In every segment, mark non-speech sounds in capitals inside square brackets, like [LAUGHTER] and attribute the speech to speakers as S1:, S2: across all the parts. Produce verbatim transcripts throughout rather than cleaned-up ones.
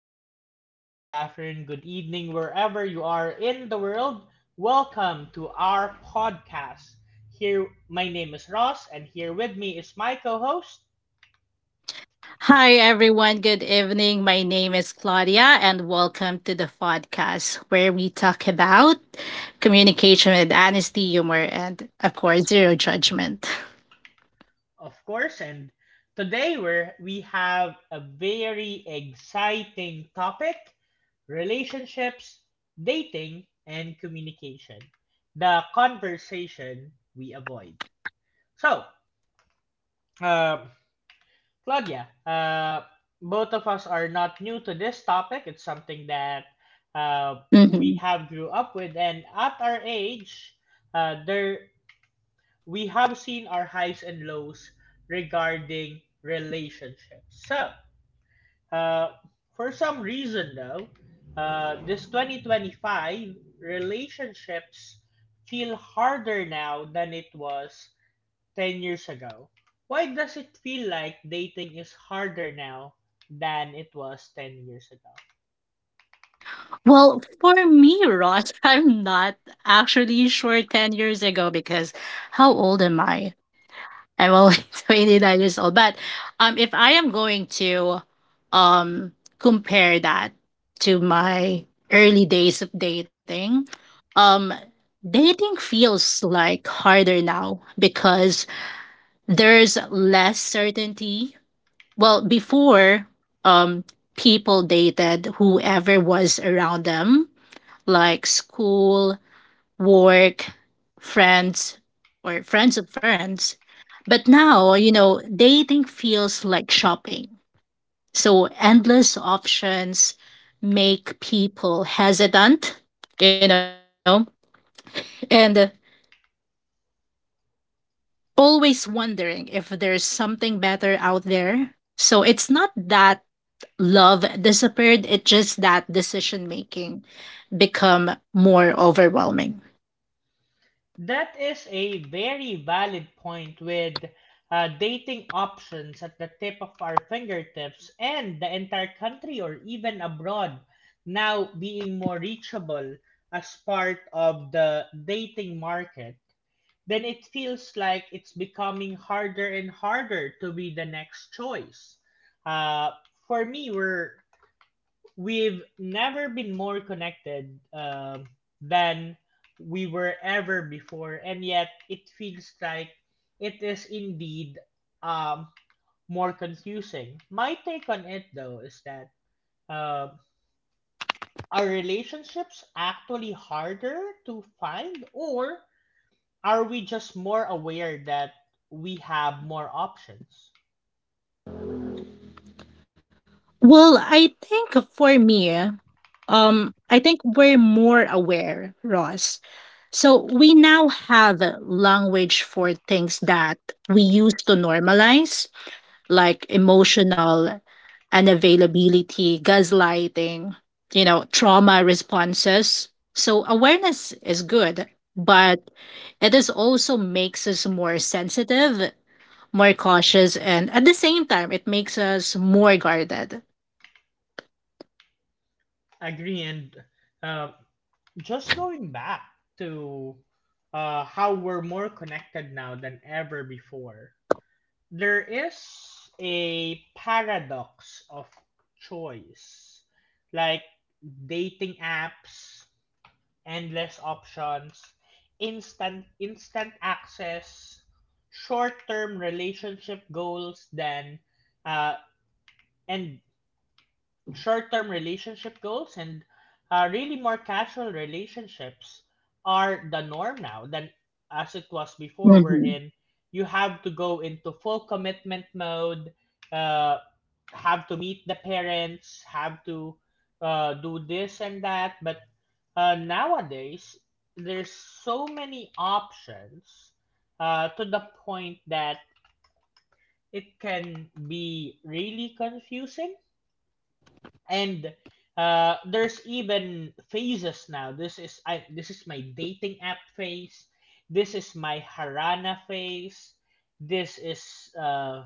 S1: morning, good afternoon, good evening, wherever you are in the world. Welcome to our podcast. Here, my name is Ross, and here with me is my co-host,
S2: Hi, everyone. Good evening. My name is Claudia, and welcome to the podcast where we talk about communication with honesty, humor, and, of course, zero judgment.
S1: of course. And today, we're, we have a very exciting topic: relationships, dating, and communication. The conversation we avoid. So, um, Claudia, uh, both of us are not new to this topic. It's something that uh, we
S2: Mhm.
S1: have grew up with, and at our age, uh, there we have seen our highs and lows regarding relationships. So, uh, for some reason though, uh, this twenty twenty-five relationships feel harder now than it was ten years ago. Why does it feel like dating is harder now than it was ten years ago?
S2: Well, for me, Ross, [LAUGHS] I'm not actually sure ten years ago because how old am I? I'm only [LAUGHS] twenty-nine years old. [LAUGHS] But um, if I am going to um, compare that to my early days of dating, um, dating feels like harder now because there's less certainty. Well, before, um, people dated whoever was around them, like school, work, friends, or friends of friends. But now, you know, dating feels like shopping. So endless options make people hesitant, you know, and uh, always wondering if there's something better out there. So it's not that love disappeared, it's just that decision making become more overwhelming.
S1: That is a very valid point with uh, dating options at the tip of our fingertips and the entire country or even abroad now being more reachable as part of the dating market, then it feels like it's becoming harder and harder to be the next choice. Uh, for me, we're we've never been more connected um, than we were ever before, and yet it feels like it is indeed, um, more confusing. My take on it, though, is that, um are relationships actually harder to find, or are we just more aware that we have more options?
S2: Well, I think for me, um, I think we're more aware, Ross. So we now have language for things that we used to normalize, like emotional unavailability, gaslighting, you know, trauma responses. So awareness is good, but it is also makes us more sensitive, more cautious, and at the same time, it makes us more guarded.
S1: Agree, and um, just going back to uh, how we're more connected now than ever before, there is a paradox of choice. Like dating apps, endless options, instant instant access, short-term relationship goals then uh, and short-term relationship goals, and uh, really more casual relationships are the norm now than as it was before,
S2: Mhm,
S1: wherein you have to go into full commitment mode, uh, have to meet the parents, have to uh, do this and that. But uh, nowadays there's so many options uh, to the point that it can be really confusing. And uh, there's even phases now. This is I this is my dating app phase. This is my Harana phase. This is uh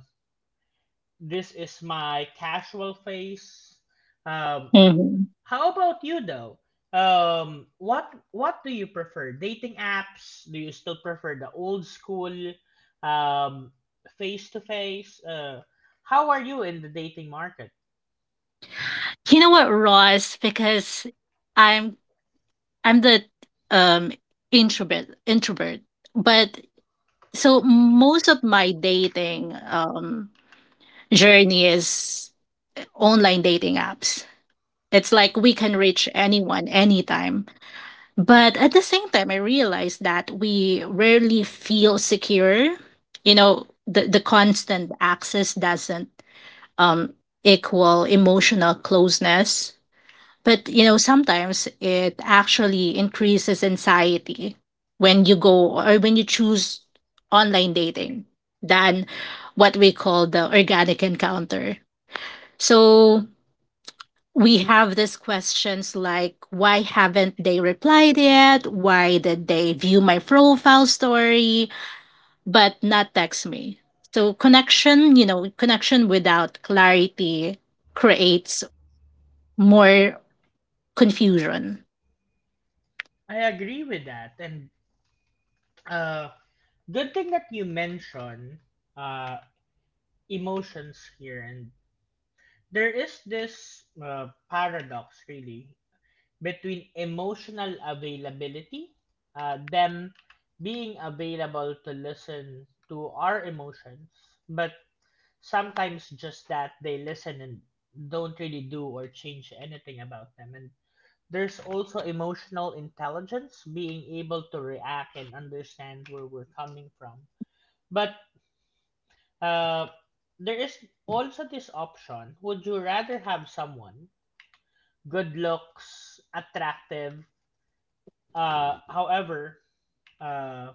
S1: this is my casual phase. Um,
S2: mhm.
S1: how about you though? Um, what what do you prefer? Dating apps? Do you still prefer the old school, um face to face? Uh, how are you in the dating market?
S2: You know what, Ross? Because I'm I'm the um introvert introvert, but so most of my dating um journey is online dating apps. It's like we can reach anyone anytime. But at the same time, I realized that we rarely feel secure. You know, the the constant access doesn't um equal emotional closeness. But you know, sometimes it actually increases anxiety when you go or when you choose online dating than what we call the organic encounter. So we have these questions like why haven't they replied yet? Why did they view my profile story but not text me? So connection, you know, connection without clarity creates more confusion.
S1: I agree with that, and uh good thing that you mentioned uh, emotions here, and there is this uh, paradox really between emotional availability, uh, them being available to listen to our emotions, but sometimes just that they listen and don't really do or change anything about them. And there's also emotional intelligence, being able to react and understand where we're coming from. But uh, There is also this option: would you rather have someone good looks, attractive, uh, however, uh,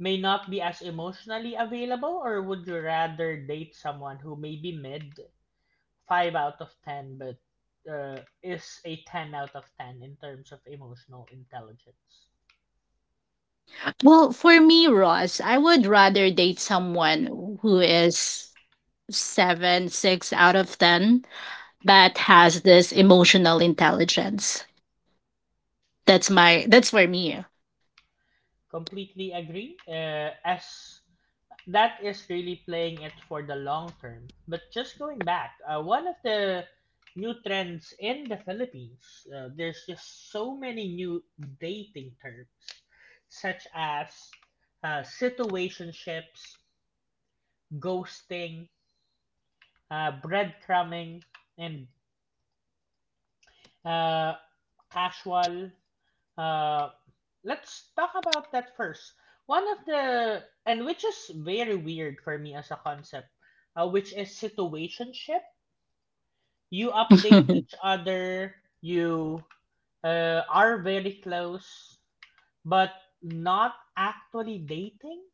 S1: may not be as emotionally available, or would you rather date someone who may be mid, five out of ten, but uh, is a ten out of ten in terms of emotional intelligence?
S2: Well, for me, Ross, I would rather date someone who is seven, six out of ten that has this emotional intelligence. That's my that's for me. [LAUGHS]
S1: Completely agree. Uh, as that is really playing it for the long term. But just going back, uh, one of the new trends in the Philippines, uh, there's just so many new dating terms, such as uh, situationships, ghosting, uh, breadcrumbing, and uh, casual. Uh, let's talk about that first. One of the and Which is very weird for me as a concept, uh, which is situationship. You update each other. You uh, are very close, but not actually dating.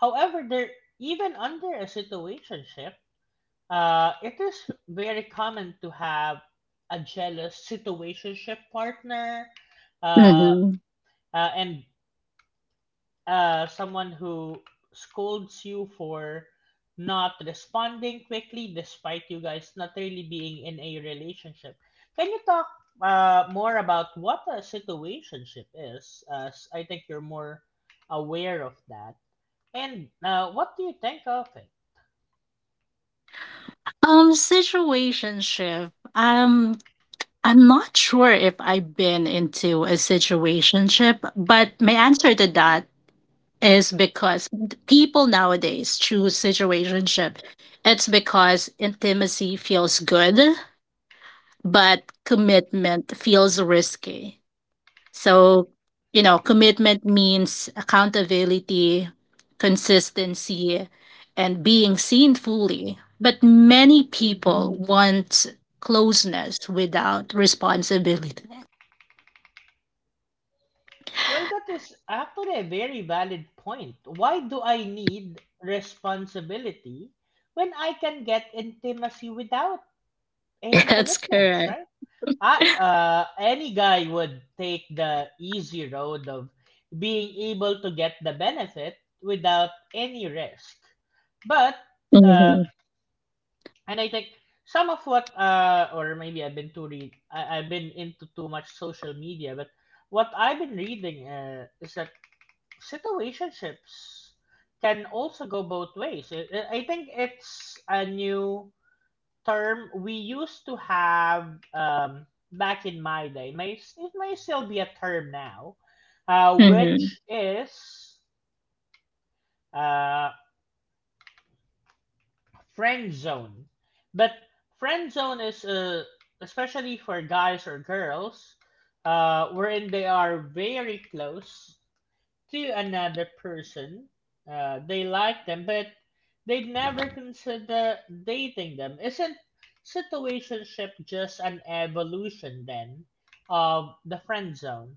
S1: However, there, even under a situationship, uh, it is very common to have a jealous situationship partner, uh,
S2: Mhm.
S1: uh, and uh, someone who scolds you for not responding quickly despite you guys not really being in a relationship. Can you talk uh, more about what a situationship is? As I think you're more aware of that. And uh, what do you think of it?
S2: Um, situationship. Um, I'm not sure if I've been into a situationship, but my answer to that is because people nowadays choose situationship. It's because intimacy feels good but commitment feels risky. So, you know, commitment means accountability, consistency, and being seen fully. But many people want closeness without responsibility.
S1: Well, that is actually a very valid point. Why do I need responsibility when I can get intimacy without
S2: [LAUGHS]
S1: any
S2: That's
S1: commitments,
S2: correct.
S1: right? I, uh, any guy would take the easy road of being able to get the benefit without any risk. But, uh,
S2: hmm
S1: and I think some of what, uh, or maybe I've been too read, I, I've been into too much social media. But what I've been reading, uh, is that situationships can also go both ways. I I- I think it's a new term we used to have, um, back in my day. It May it may still be a term now, uh,
S2: hmm
S1: which is uh, friend zone. But friend zone is, uh, especially for guys or girls, uh, wherein they are very close to another person. Uh, they like them, but they'd never consider dating them. Isn't situationship just an evolution then of the friend zone?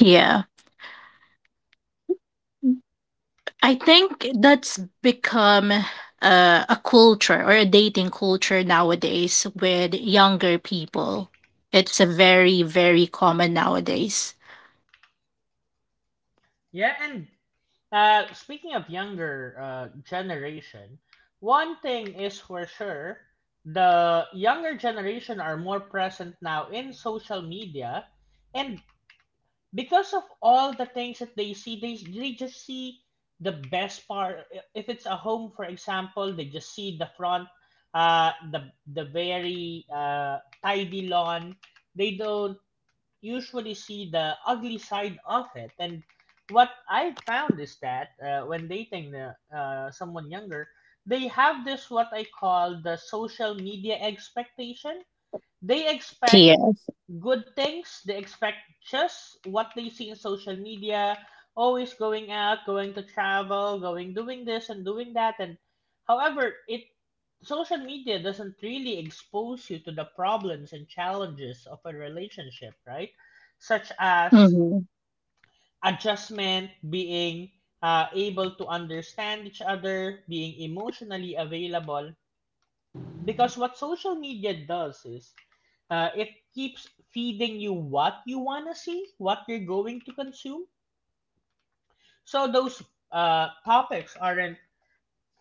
S2: Yeah. I think that's become a, a culture or a dating culture nowadays with younger people. It's a very, very common nowadays.
S1: Yeah, and uh, speaking of younger uh, generation, one thing is for sure, the younger generation are more present now in social media, and because of all the things that they see, they, they just see the best part. If it's a home, for example, they just see the front, uh the the very uh tidy lawn. They don't usually see the ugly side of it. And what I found is that, uh, when dating uh, uh, someone younger, they have this what I call the social media expectation. They expect
S2: Yeah.
S1: good things. They expect just what they see in social media, always going out, going to travel, going doing this and doing that. And however, it social media doesn't really expose you to the problems and challenges of a relationship, right? Such as
S2: hmm
S1: adjustment, being uh, able to understand each other, being emotionally available. Because what social media does is, uh, it keeps feeding you what you want to see, what you're going to consume. So those uh, topics aren't,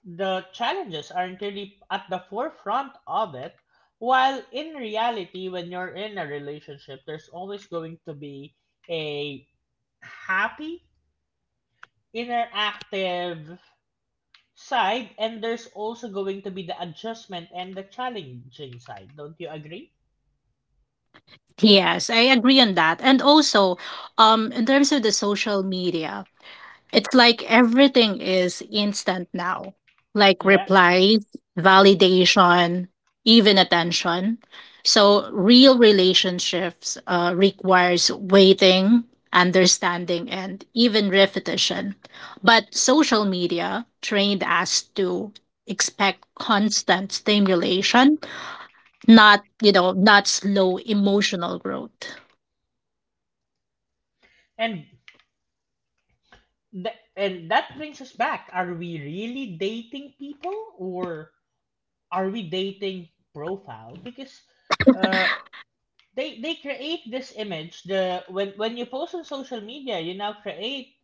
S1: the challenges aren't really at the forefront of it. While in reality, when you're in a relationship, there's always going to be a happy, interactive side, and there's also going to be the adjustment and the challenging side. Don't you agree?
S2: Yes, I agree on that. And also, um, in terms of the social media, it's like everything is instant now, like
S1: Yeah.
S2: replies, validation, even attention. So real relationships uh, requires waiting, understanding, and even repetition. But social media trained us to expect constant stimulation, not you know, not slow emotional growth.
S1: And Th- and that brings us back. Are we really dating people, or are we dating profile? Because uh, they they create this image. The when when you post on social media, you now create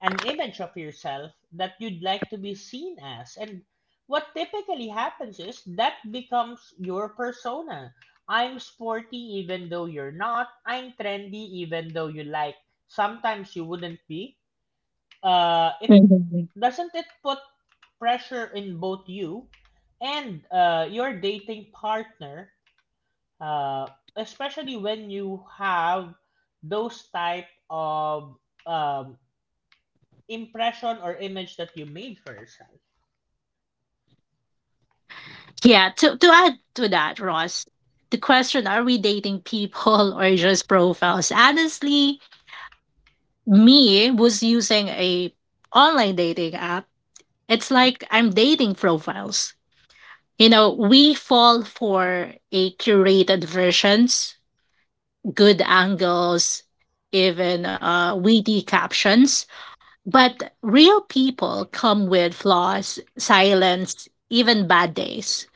S1: an image of yourself that you'd like to be seen as. And what typically happens is that becomes your persona. I'm sporty even though you're not. I'm trendy even though you like. Sometimes you wouldn't be. Uh, it Doesn't it put pressure in both you and uh, your dating partner, uh, especially when you have those type of, um, impression or image that you made for yourself?
S2: Yeah, to, to add to that, Ross, the question are we dating people [LAUGHS] or just profiles? Honestly, me was using a online dating app. It's like I'm dating profiles. You know, we fall for a curated versions, good angles, even uh, witty captions. But real people come with flaws, silence, even bad days.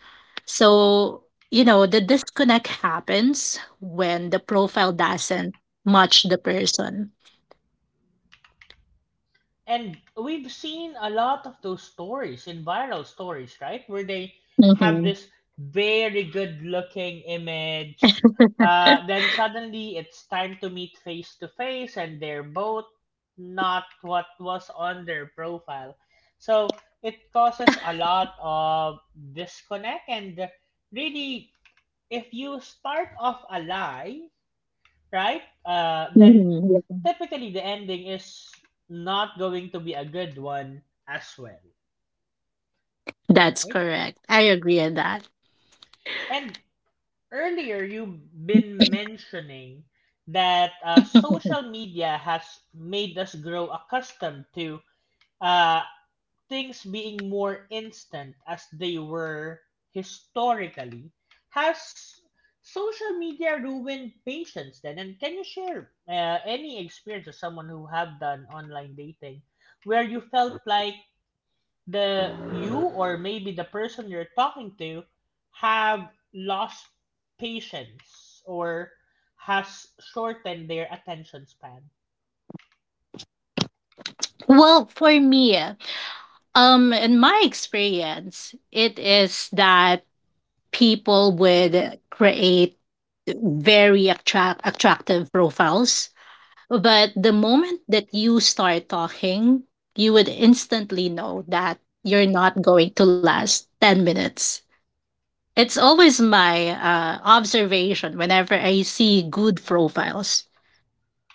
S2: So, you know, the disconnect happens when the profile doesn't match the person.
S1: And we've seen a lot of those stories in viral stories, right? Where they have
S2: Mm-hmm.
S1: this very good looking image. Uh, then suddenly it's time to meet face to face, and they're both not what was on their profile. So it causes a lot of disconnect. And really, if you start off a lie, right, uh, then
S2: hmm
S1: typically the ending is not going to be a good one as well,
S2: That's
S1: right?
S2: correct. I agree on that.
S1: And earlier you've been mentioning that uh, social
S2: [LAUGHS]
S1: media has made us grow accustomed to uh, things being more instant as they were historically. Has social media ruined patience then? And can you share uh, any experience of someone who have done online dating, where you felt like the you, or maybe the person you're talking to, have lost patience or has shortened their attention span?
S2: Well, for me, um, in my experience, it is that people would create very attract attractive profiles. But the moment that you start talking, you would instantly know that you're not going to last ten minutes. It's always my uh, observation whenever I see good profiles.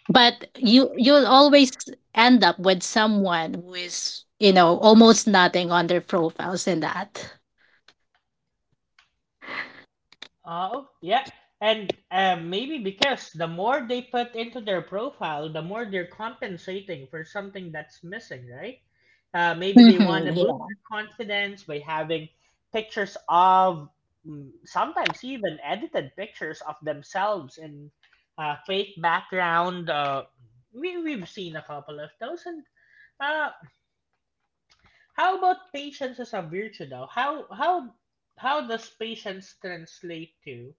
S2: But you you'll always end up with someone who is, you know, almost nothing on their profiles in that.
S1: Oh, yeah. And uh, maybe because the more they put into their profile, the more they're compensating for something that's missing, right? Uh, maybe they want
S2: Hmm
S1: to boost
S2: yeah.
S1: their confidence by having pictures of, mm, sometimes even edited pictures of themselves in uh, fake background. Uh, we, we've seen a couple of those. And uh, how about patience as a virtue daw? How how how does patience translate to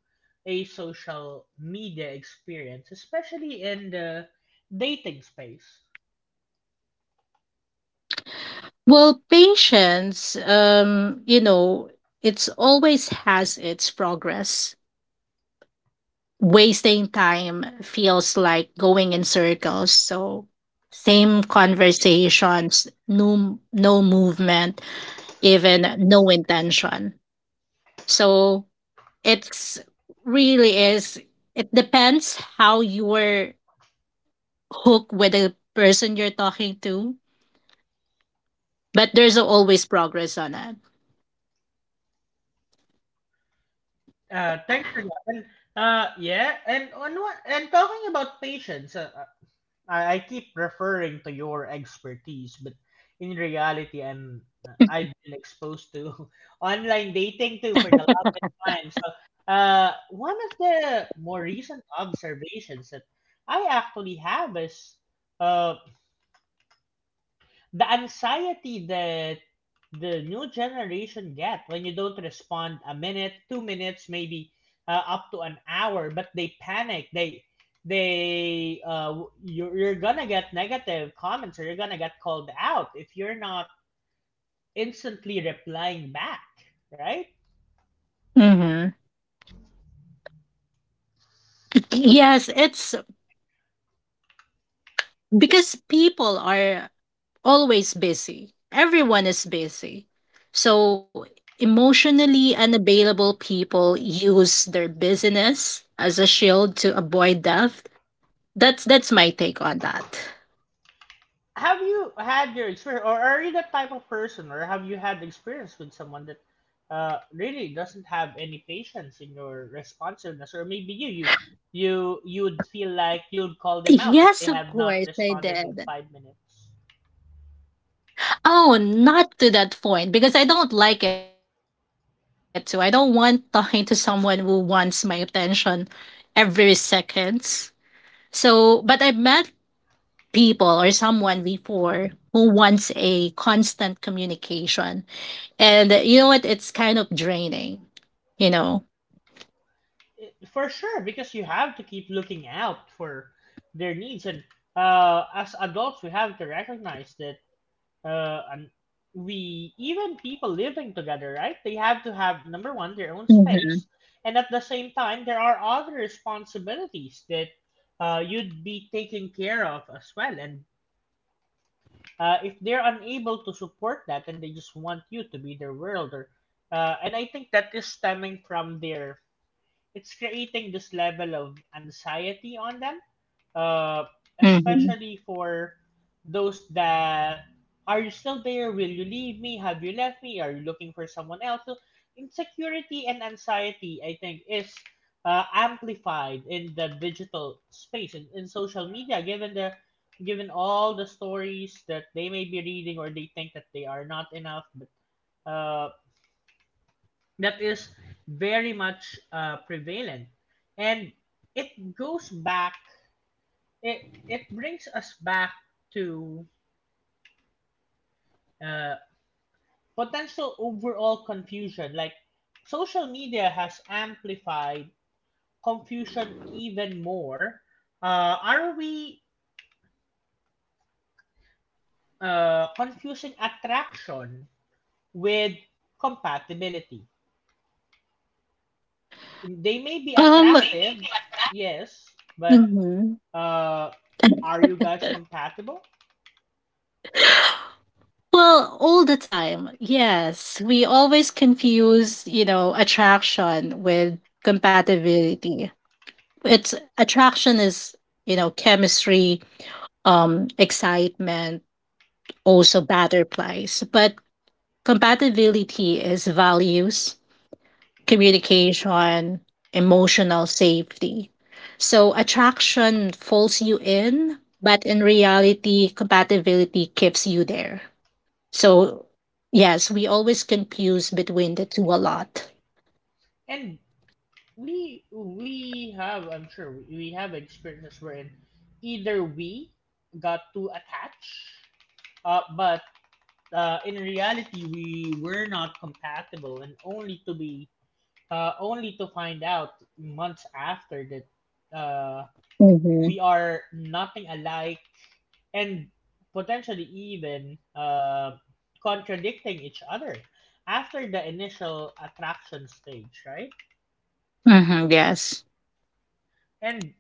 S1: a social media experience, especially in the dating space?
S2: Well, patience, um, you know, it's always has its progress. Wasting time feels like going in circles. So, same conversations, no, no movement, even no intention. So, it's really is, it depends how you were hooked with the person you're talking to, but there's always progress on it.
S1: Uh, thanks a lot. And, uh, yeah, and on what, and talking about patience, uh, uh, I, I keep referring to your expertise, but in reality, I'm I've been exposed to [LAUGHS] online dating too for the longest time. So, uh, one of the more recent observations that I actually have is, uh, the anxiety that the new generation get when you don't respond a minute, two minutes, maybe uh, up to an hour, but they panic. They they uh, you're, you're gonna get negative comments, or you're gonna get called out if you're not instantly replying back, right?
S2: hmm Yes, it's because people are always busy. Everyone is busy. So, emotionally unavailable people use their busyness as a shield to avoid death. That's that's my take on that.
S1: Have you had your experience, or are you the type of person, or have you had experience with someone that uh, really doesn't have any patience in your responsiveness, or maybe you, you, you, you would feel like you'd call them out if they
S2: Yes, of
S1: have not
S2: course I
S1: responded in
S2: did.
S1: five minutes?
S2: Oh, not to that point because I don't like it too. I don't want talking to someone who wants my attention every seconds. So, but I've met people or someone before who wants a constant communication. And you know what? It's kind of draining, you know.
S1: Eh, for sure, because you have to keep looking out for their needs. And uh, as adults, we have to recognize that. Uh, and we even people living together, right? They have to have number one their own
S2: Mm-hmm.
S1: space, and at the same time, there are other responsibilities that uh, you'd be taking care of as well. And uh, if they're unable to support that, and they just want you to be their world, or uh, and I think that is stemming from their, it's creating this level of anxiety on them, uh,
S2: Mm-hmm.
S1: especially for those that are you still there? Will you leave me? Have you left me? Are you looking for someone else? So insecurity and anxiety, I think, is uh, amplified in the digital space, in, in social media, given the given all the stories that they may be reading, or they think that they are not enough, but uh, that is very much uh, prevalent, and it goes back it it brings us back to uh, potential overall confusion. Like social media has amplified confusion even more. Uh, are we uh, confusing attraction with compatibility? They may be
S2: Um,
S1: attractive, yes, but
S2: Mm-hmm.
S1: uh, are you guys compatible?
S2: Well, all the time. Yes, we always confuse, you know, attraction with compatibility. It's attraction is, you know, chemistry, um, excitement, also butterflies, but compatibility is values, communication, emotional safety. So attraction pulls you in, but in reality, compatibility keeps you there. So, yes, we always confuse between the two a lot.
S1: And we we have I'm sure we we have experiences wherein either we got too attached, uh, but uh, in reality we were not compatible, and only to be uh, only to find out months after that uh,
S2: Mm-hmm.
S1: we are nothing alike, and potentially even uh, contradicting each other after the initial attraction stage, right?
S2: Mm-hmm, yes.
S1: And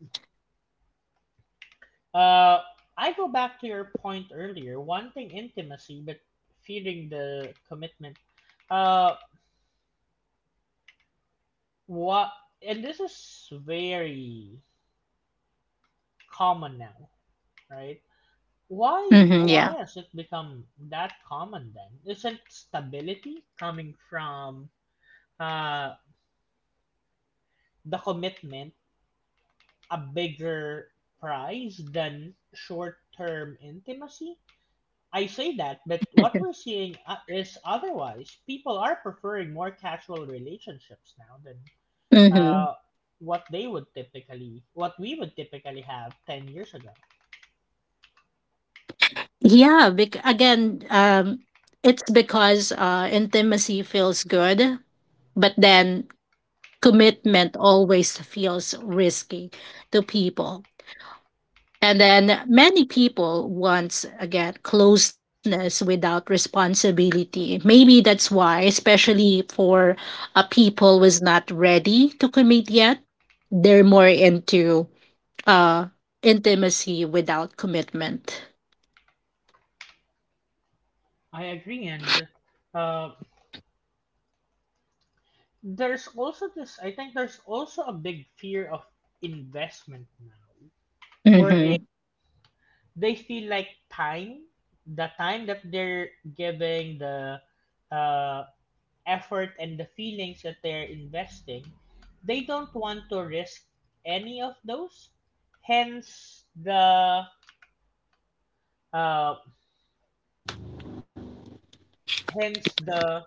S1: Uh, I go back to your point earlier, wanting intimacy but fearing the commitment. Uh, what? And this is very common now, right? Why?
S2: Mm-hmm, yeah.
S1: Why has it become that common then? Isn't stability coming from uh the commitment a bigger prize than short-term intimacy? I say that, but what we're seeing uh, is otherwise. People are preferring more casual relationships now than
S2: Mm-hmm.
S1: uh, what they would typically, what we would typically have ten years ago.
S2: Yeah. Bec- again, um, it's because uh, intimacy feels good, but then commitment always feels risky to people. And then many people want, again, closeness without responsibility. Maybe that's why, especially for a people was not ready to commit yet, they're more into uh intimacy without commitment.
S1: I agree, and uh, there's also this — I think there's also a big fear of investment now, where
S2: Mm-hmm.
S1: they feel like time, the time that they're giving, the uh, effort and the feelings that they're investing, they don't want to risk any of those. Hence the uh, hence the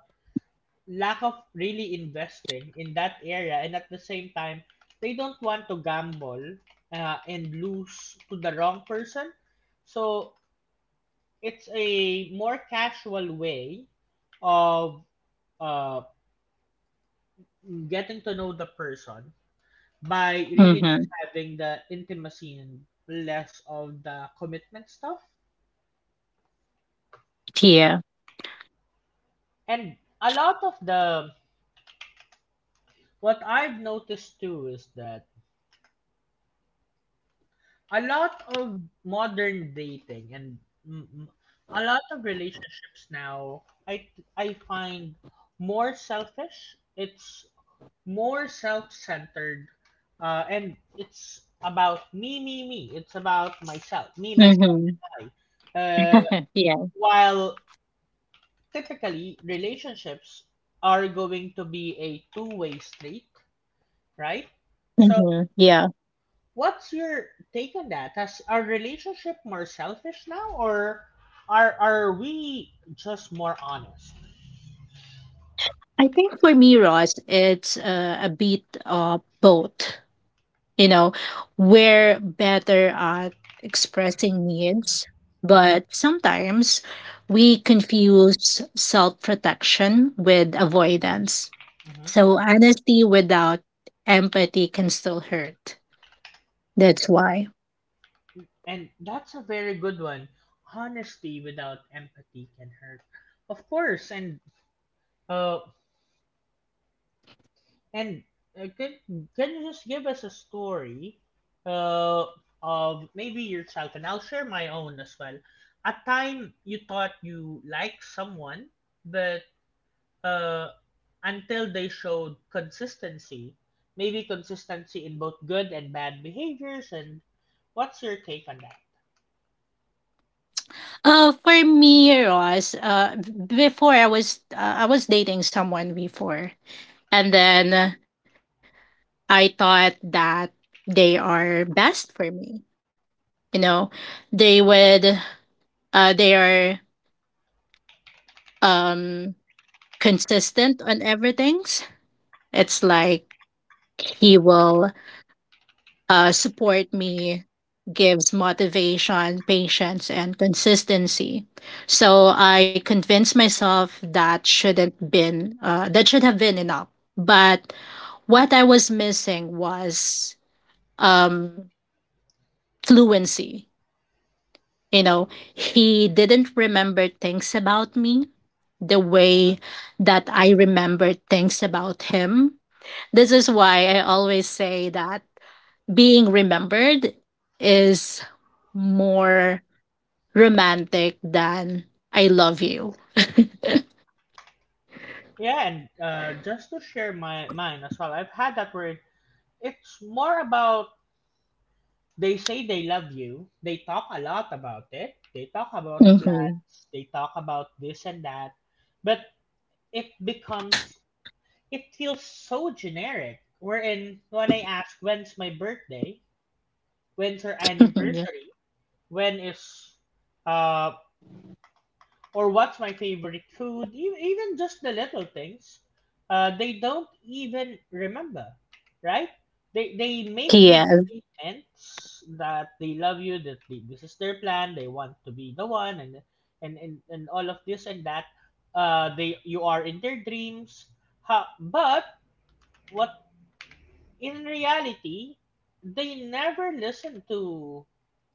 S1: lack of really investing in that area, and at the same time, they don't want to gamble uh, and lose to the wrong person. So it's a more casual way of uh, getting to know the person by really
S2: Mm-hmm.
S1: just having the intimacy and less of the commitment stuff.
S2: Yeah.
S1: And a lot of the, what I've noticed too is that a lot of modern dating, and mm, mm, a lot of relationships now, I I find more selfish. It's more self-centered, uh, and it's about me, me, me. It's about myself, me, myself,
S2: Mm-hmm.
S1: I. Uh,
S2: [LAUGHS] Yeah.
S1: while typically relationships are going to be a two-way street, right? So
S2: Mm-hmm. Yeah.
S1: what's your take on that? Has our relationship more selfish now, or are are we just more honest?
S2: I think for me, Ross, it's uh, a bit of both. You know, we're better at expressing needs, but sometimes we confuse self protection with avoidance.
S1: Hmm.
S2: So, honesty without empathy can still hurt. That's why.
S1: And that's a very good one. Honesty without empathy can hurt. Of course. And uh, And uh, can can you just give us a story uh, of maybe your childhood? And I'll share my own as well. A time you thought you liked someone, but uh, until they showed consistency, maybe consistency in both good and bad behaviors. And what's your take on that?
S2: Uh, for me, Ross. Uh, b- before I was uh, I was dating someone before, and then uh, I thought that they are best for me. You know, they would. Uh, they are um consistent on everything's. It's like he will uh support me, gives motivation, patience and consistency. So I convinced myself that shouldn't been uh that should have been enough. But what I was missing was um fluency. You know, he didn't remember things about me the way that I remembered things about him. This is why
S1: Yeah.
S2: I always say that being remembered is more romantic than I love you.
S1: Yeah, and uh, just to share my, mine as well, I've had that where it's more about — they say they love you. They talk a lot about it. They talk about
S2: hmm
S1: plans. They talk about this and that. But it becomes, it feels so generic. Wherein, when I ask, when's my birthday? When's our
S2: [LAUGHS] yeah.
S1: anniversary? When is, uh, or what's my favorite food, e- even just the little things, uh, they don't even remember, right? They, they make big
S2: Yes.
S1: statements that they love you, that they, this is their plan, they want to be the one, and and, and, and all of this and that. Uh, they You are in their dreams, ha, but what, in reality, they never listen to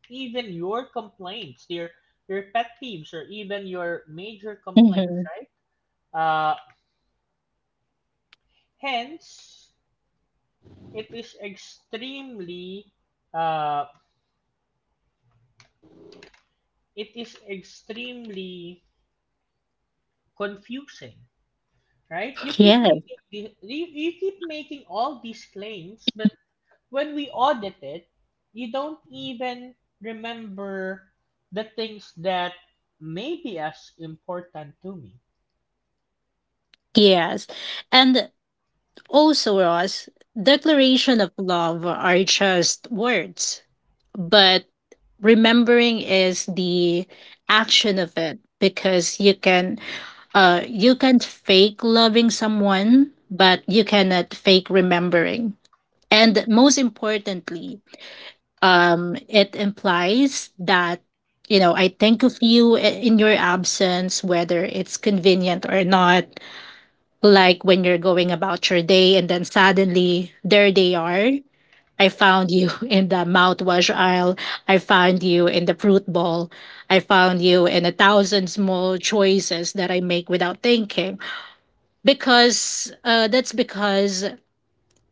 S1: even your complaints, your your pet peeves, or even your major complaints,
S2: hmm
S1: right? Uh, hence, it is extremely, uh, it is extremely confusing, right? You keep
S2: Yes.
S1: making the- you, you keep making all these claims, but when we audit it, you don't even remember the things that may be as important to me.
S2: Yes. And also, Ross, declaration of love are just words, but remembering is the action of it because you can. Uh, you can't fake loving someone, but you cannot fake remembering. And most importantly, um, it implies that, you know, I think of you i- in your absence, whether it's convenient or not. Like when you're going about your day and then suddenly there they are. I found you [LAUGHS] in the mouthwash aisle. I found you in the fruit bowl. I found you in a thousand small choices that I make without thinking because uh, that's because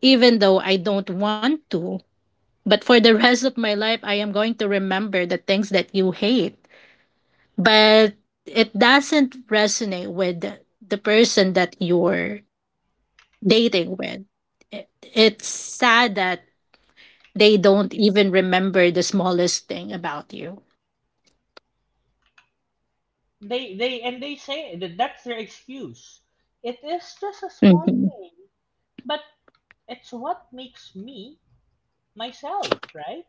S2: even though I don't want to, but for the [LAUGHS] rest of my life, I am going to remember the things that you hate. But it doesn't resonate with the person that you're dating with. It- It's sad that they don't even remember the smallest thing about you.
S1: They they and they say that that's their excuse. It is just a small
S2: hmm
S1: thing, but it's what makes me, myself, right?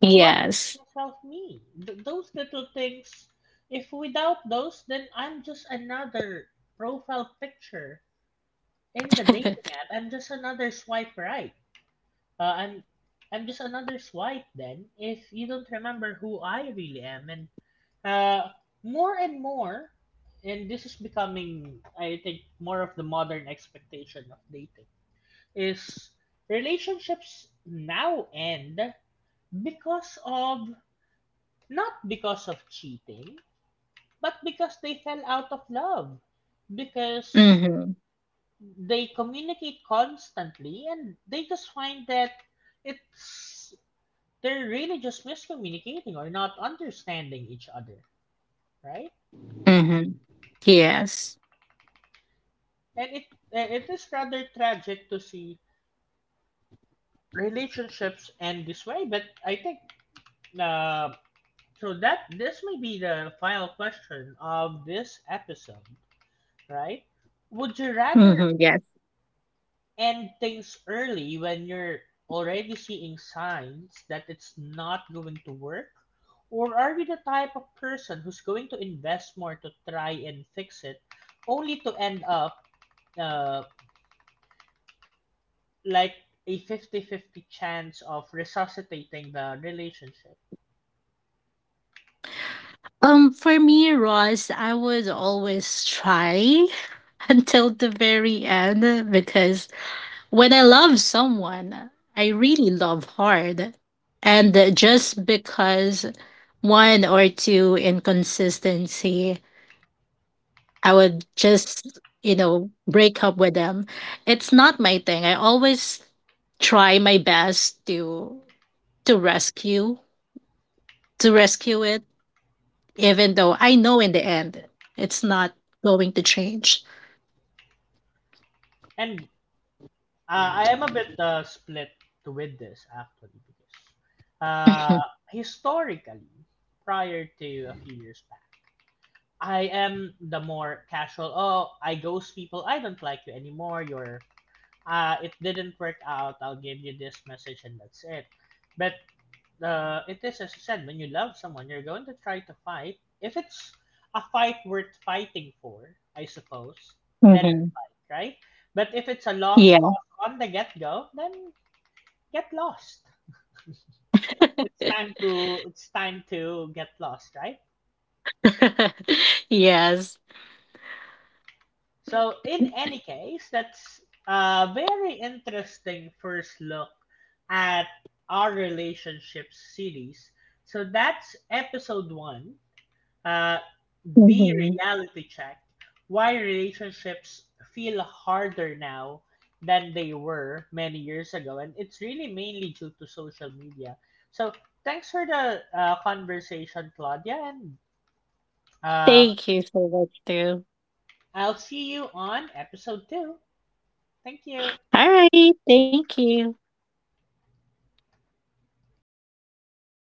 S1: It's what
S2: Yes.
S1: makes myself, me. Th- those little things. If without those, then I'm just another profile picture in the dating
S2: [LAUGHS]
S1: app. I'm just another swipe right. Uh, I'm I'm just another swipe then, if you don't remember who I really am. And Uh, more and more, and this is becoming, I think, more of the modern expectation of dating, is relationships now end because of, not because of cheating, but because they fell out of love. Because
S2: hmm
S1: they communicate constantly and they just find that it's, they're really just miscommunicating or not understanding each other, right?
S2: hmm Yes.
S1: and it and it is rather tragic to see relationships end this way, but I think uh, so that this may be the final question of this episode, right? Would you rather
S2: hmm Yes.
S1: end things early when you're already seeing signs that it's not going to work, or are you the type of person who's going to invest more to try and fix it, only to end up uh, like a fifty fifty chance of resuscitating the relationship?
S2: Um, for me, Ross, I would always try [LAUGHS] until the very end because when I love someone, I really love hard. And just because one or two inconsistency, I would just, you know, break up with them. It's not my thing. I always try my best to to rescue to rescue it even though I know in the end it's not going to change.
S1: And uh, I am a bit uh, split with this, actually, because uh,
S2: [LAUGHS]
S1: historically, prior to a few years back, I am the more casual. Oh, I ghost people. I don't like you anymore. You're uh, It didn't work out. I'll give you this message, and that's it. But uh, it is, as you said, when you love someone, you're going to try to fight if it's a fight worth fighting for, I suppose, then,
S2: Mm-hmm.
S1: right? But if it's a lost
S2: Yeah.
S1: cause on the get-go, then get lost. [LAUGHS] It's time to, it's time to get lost, right?
S2: [LAUGHS] Yes.
S1: So in any case, that's a very interesting first look at our relationship series. So that's episode one, uh, the
S2: hmm
S1: reality check, why relationships feel harder now than they were many years ago, and it's really mainly due to social media. So thanks for the uh, conversation, Claudia, and uh,
S2: Thank you so much, too.
S1: I'll see you on episode two. Thank you.
S2: All right. Thank you.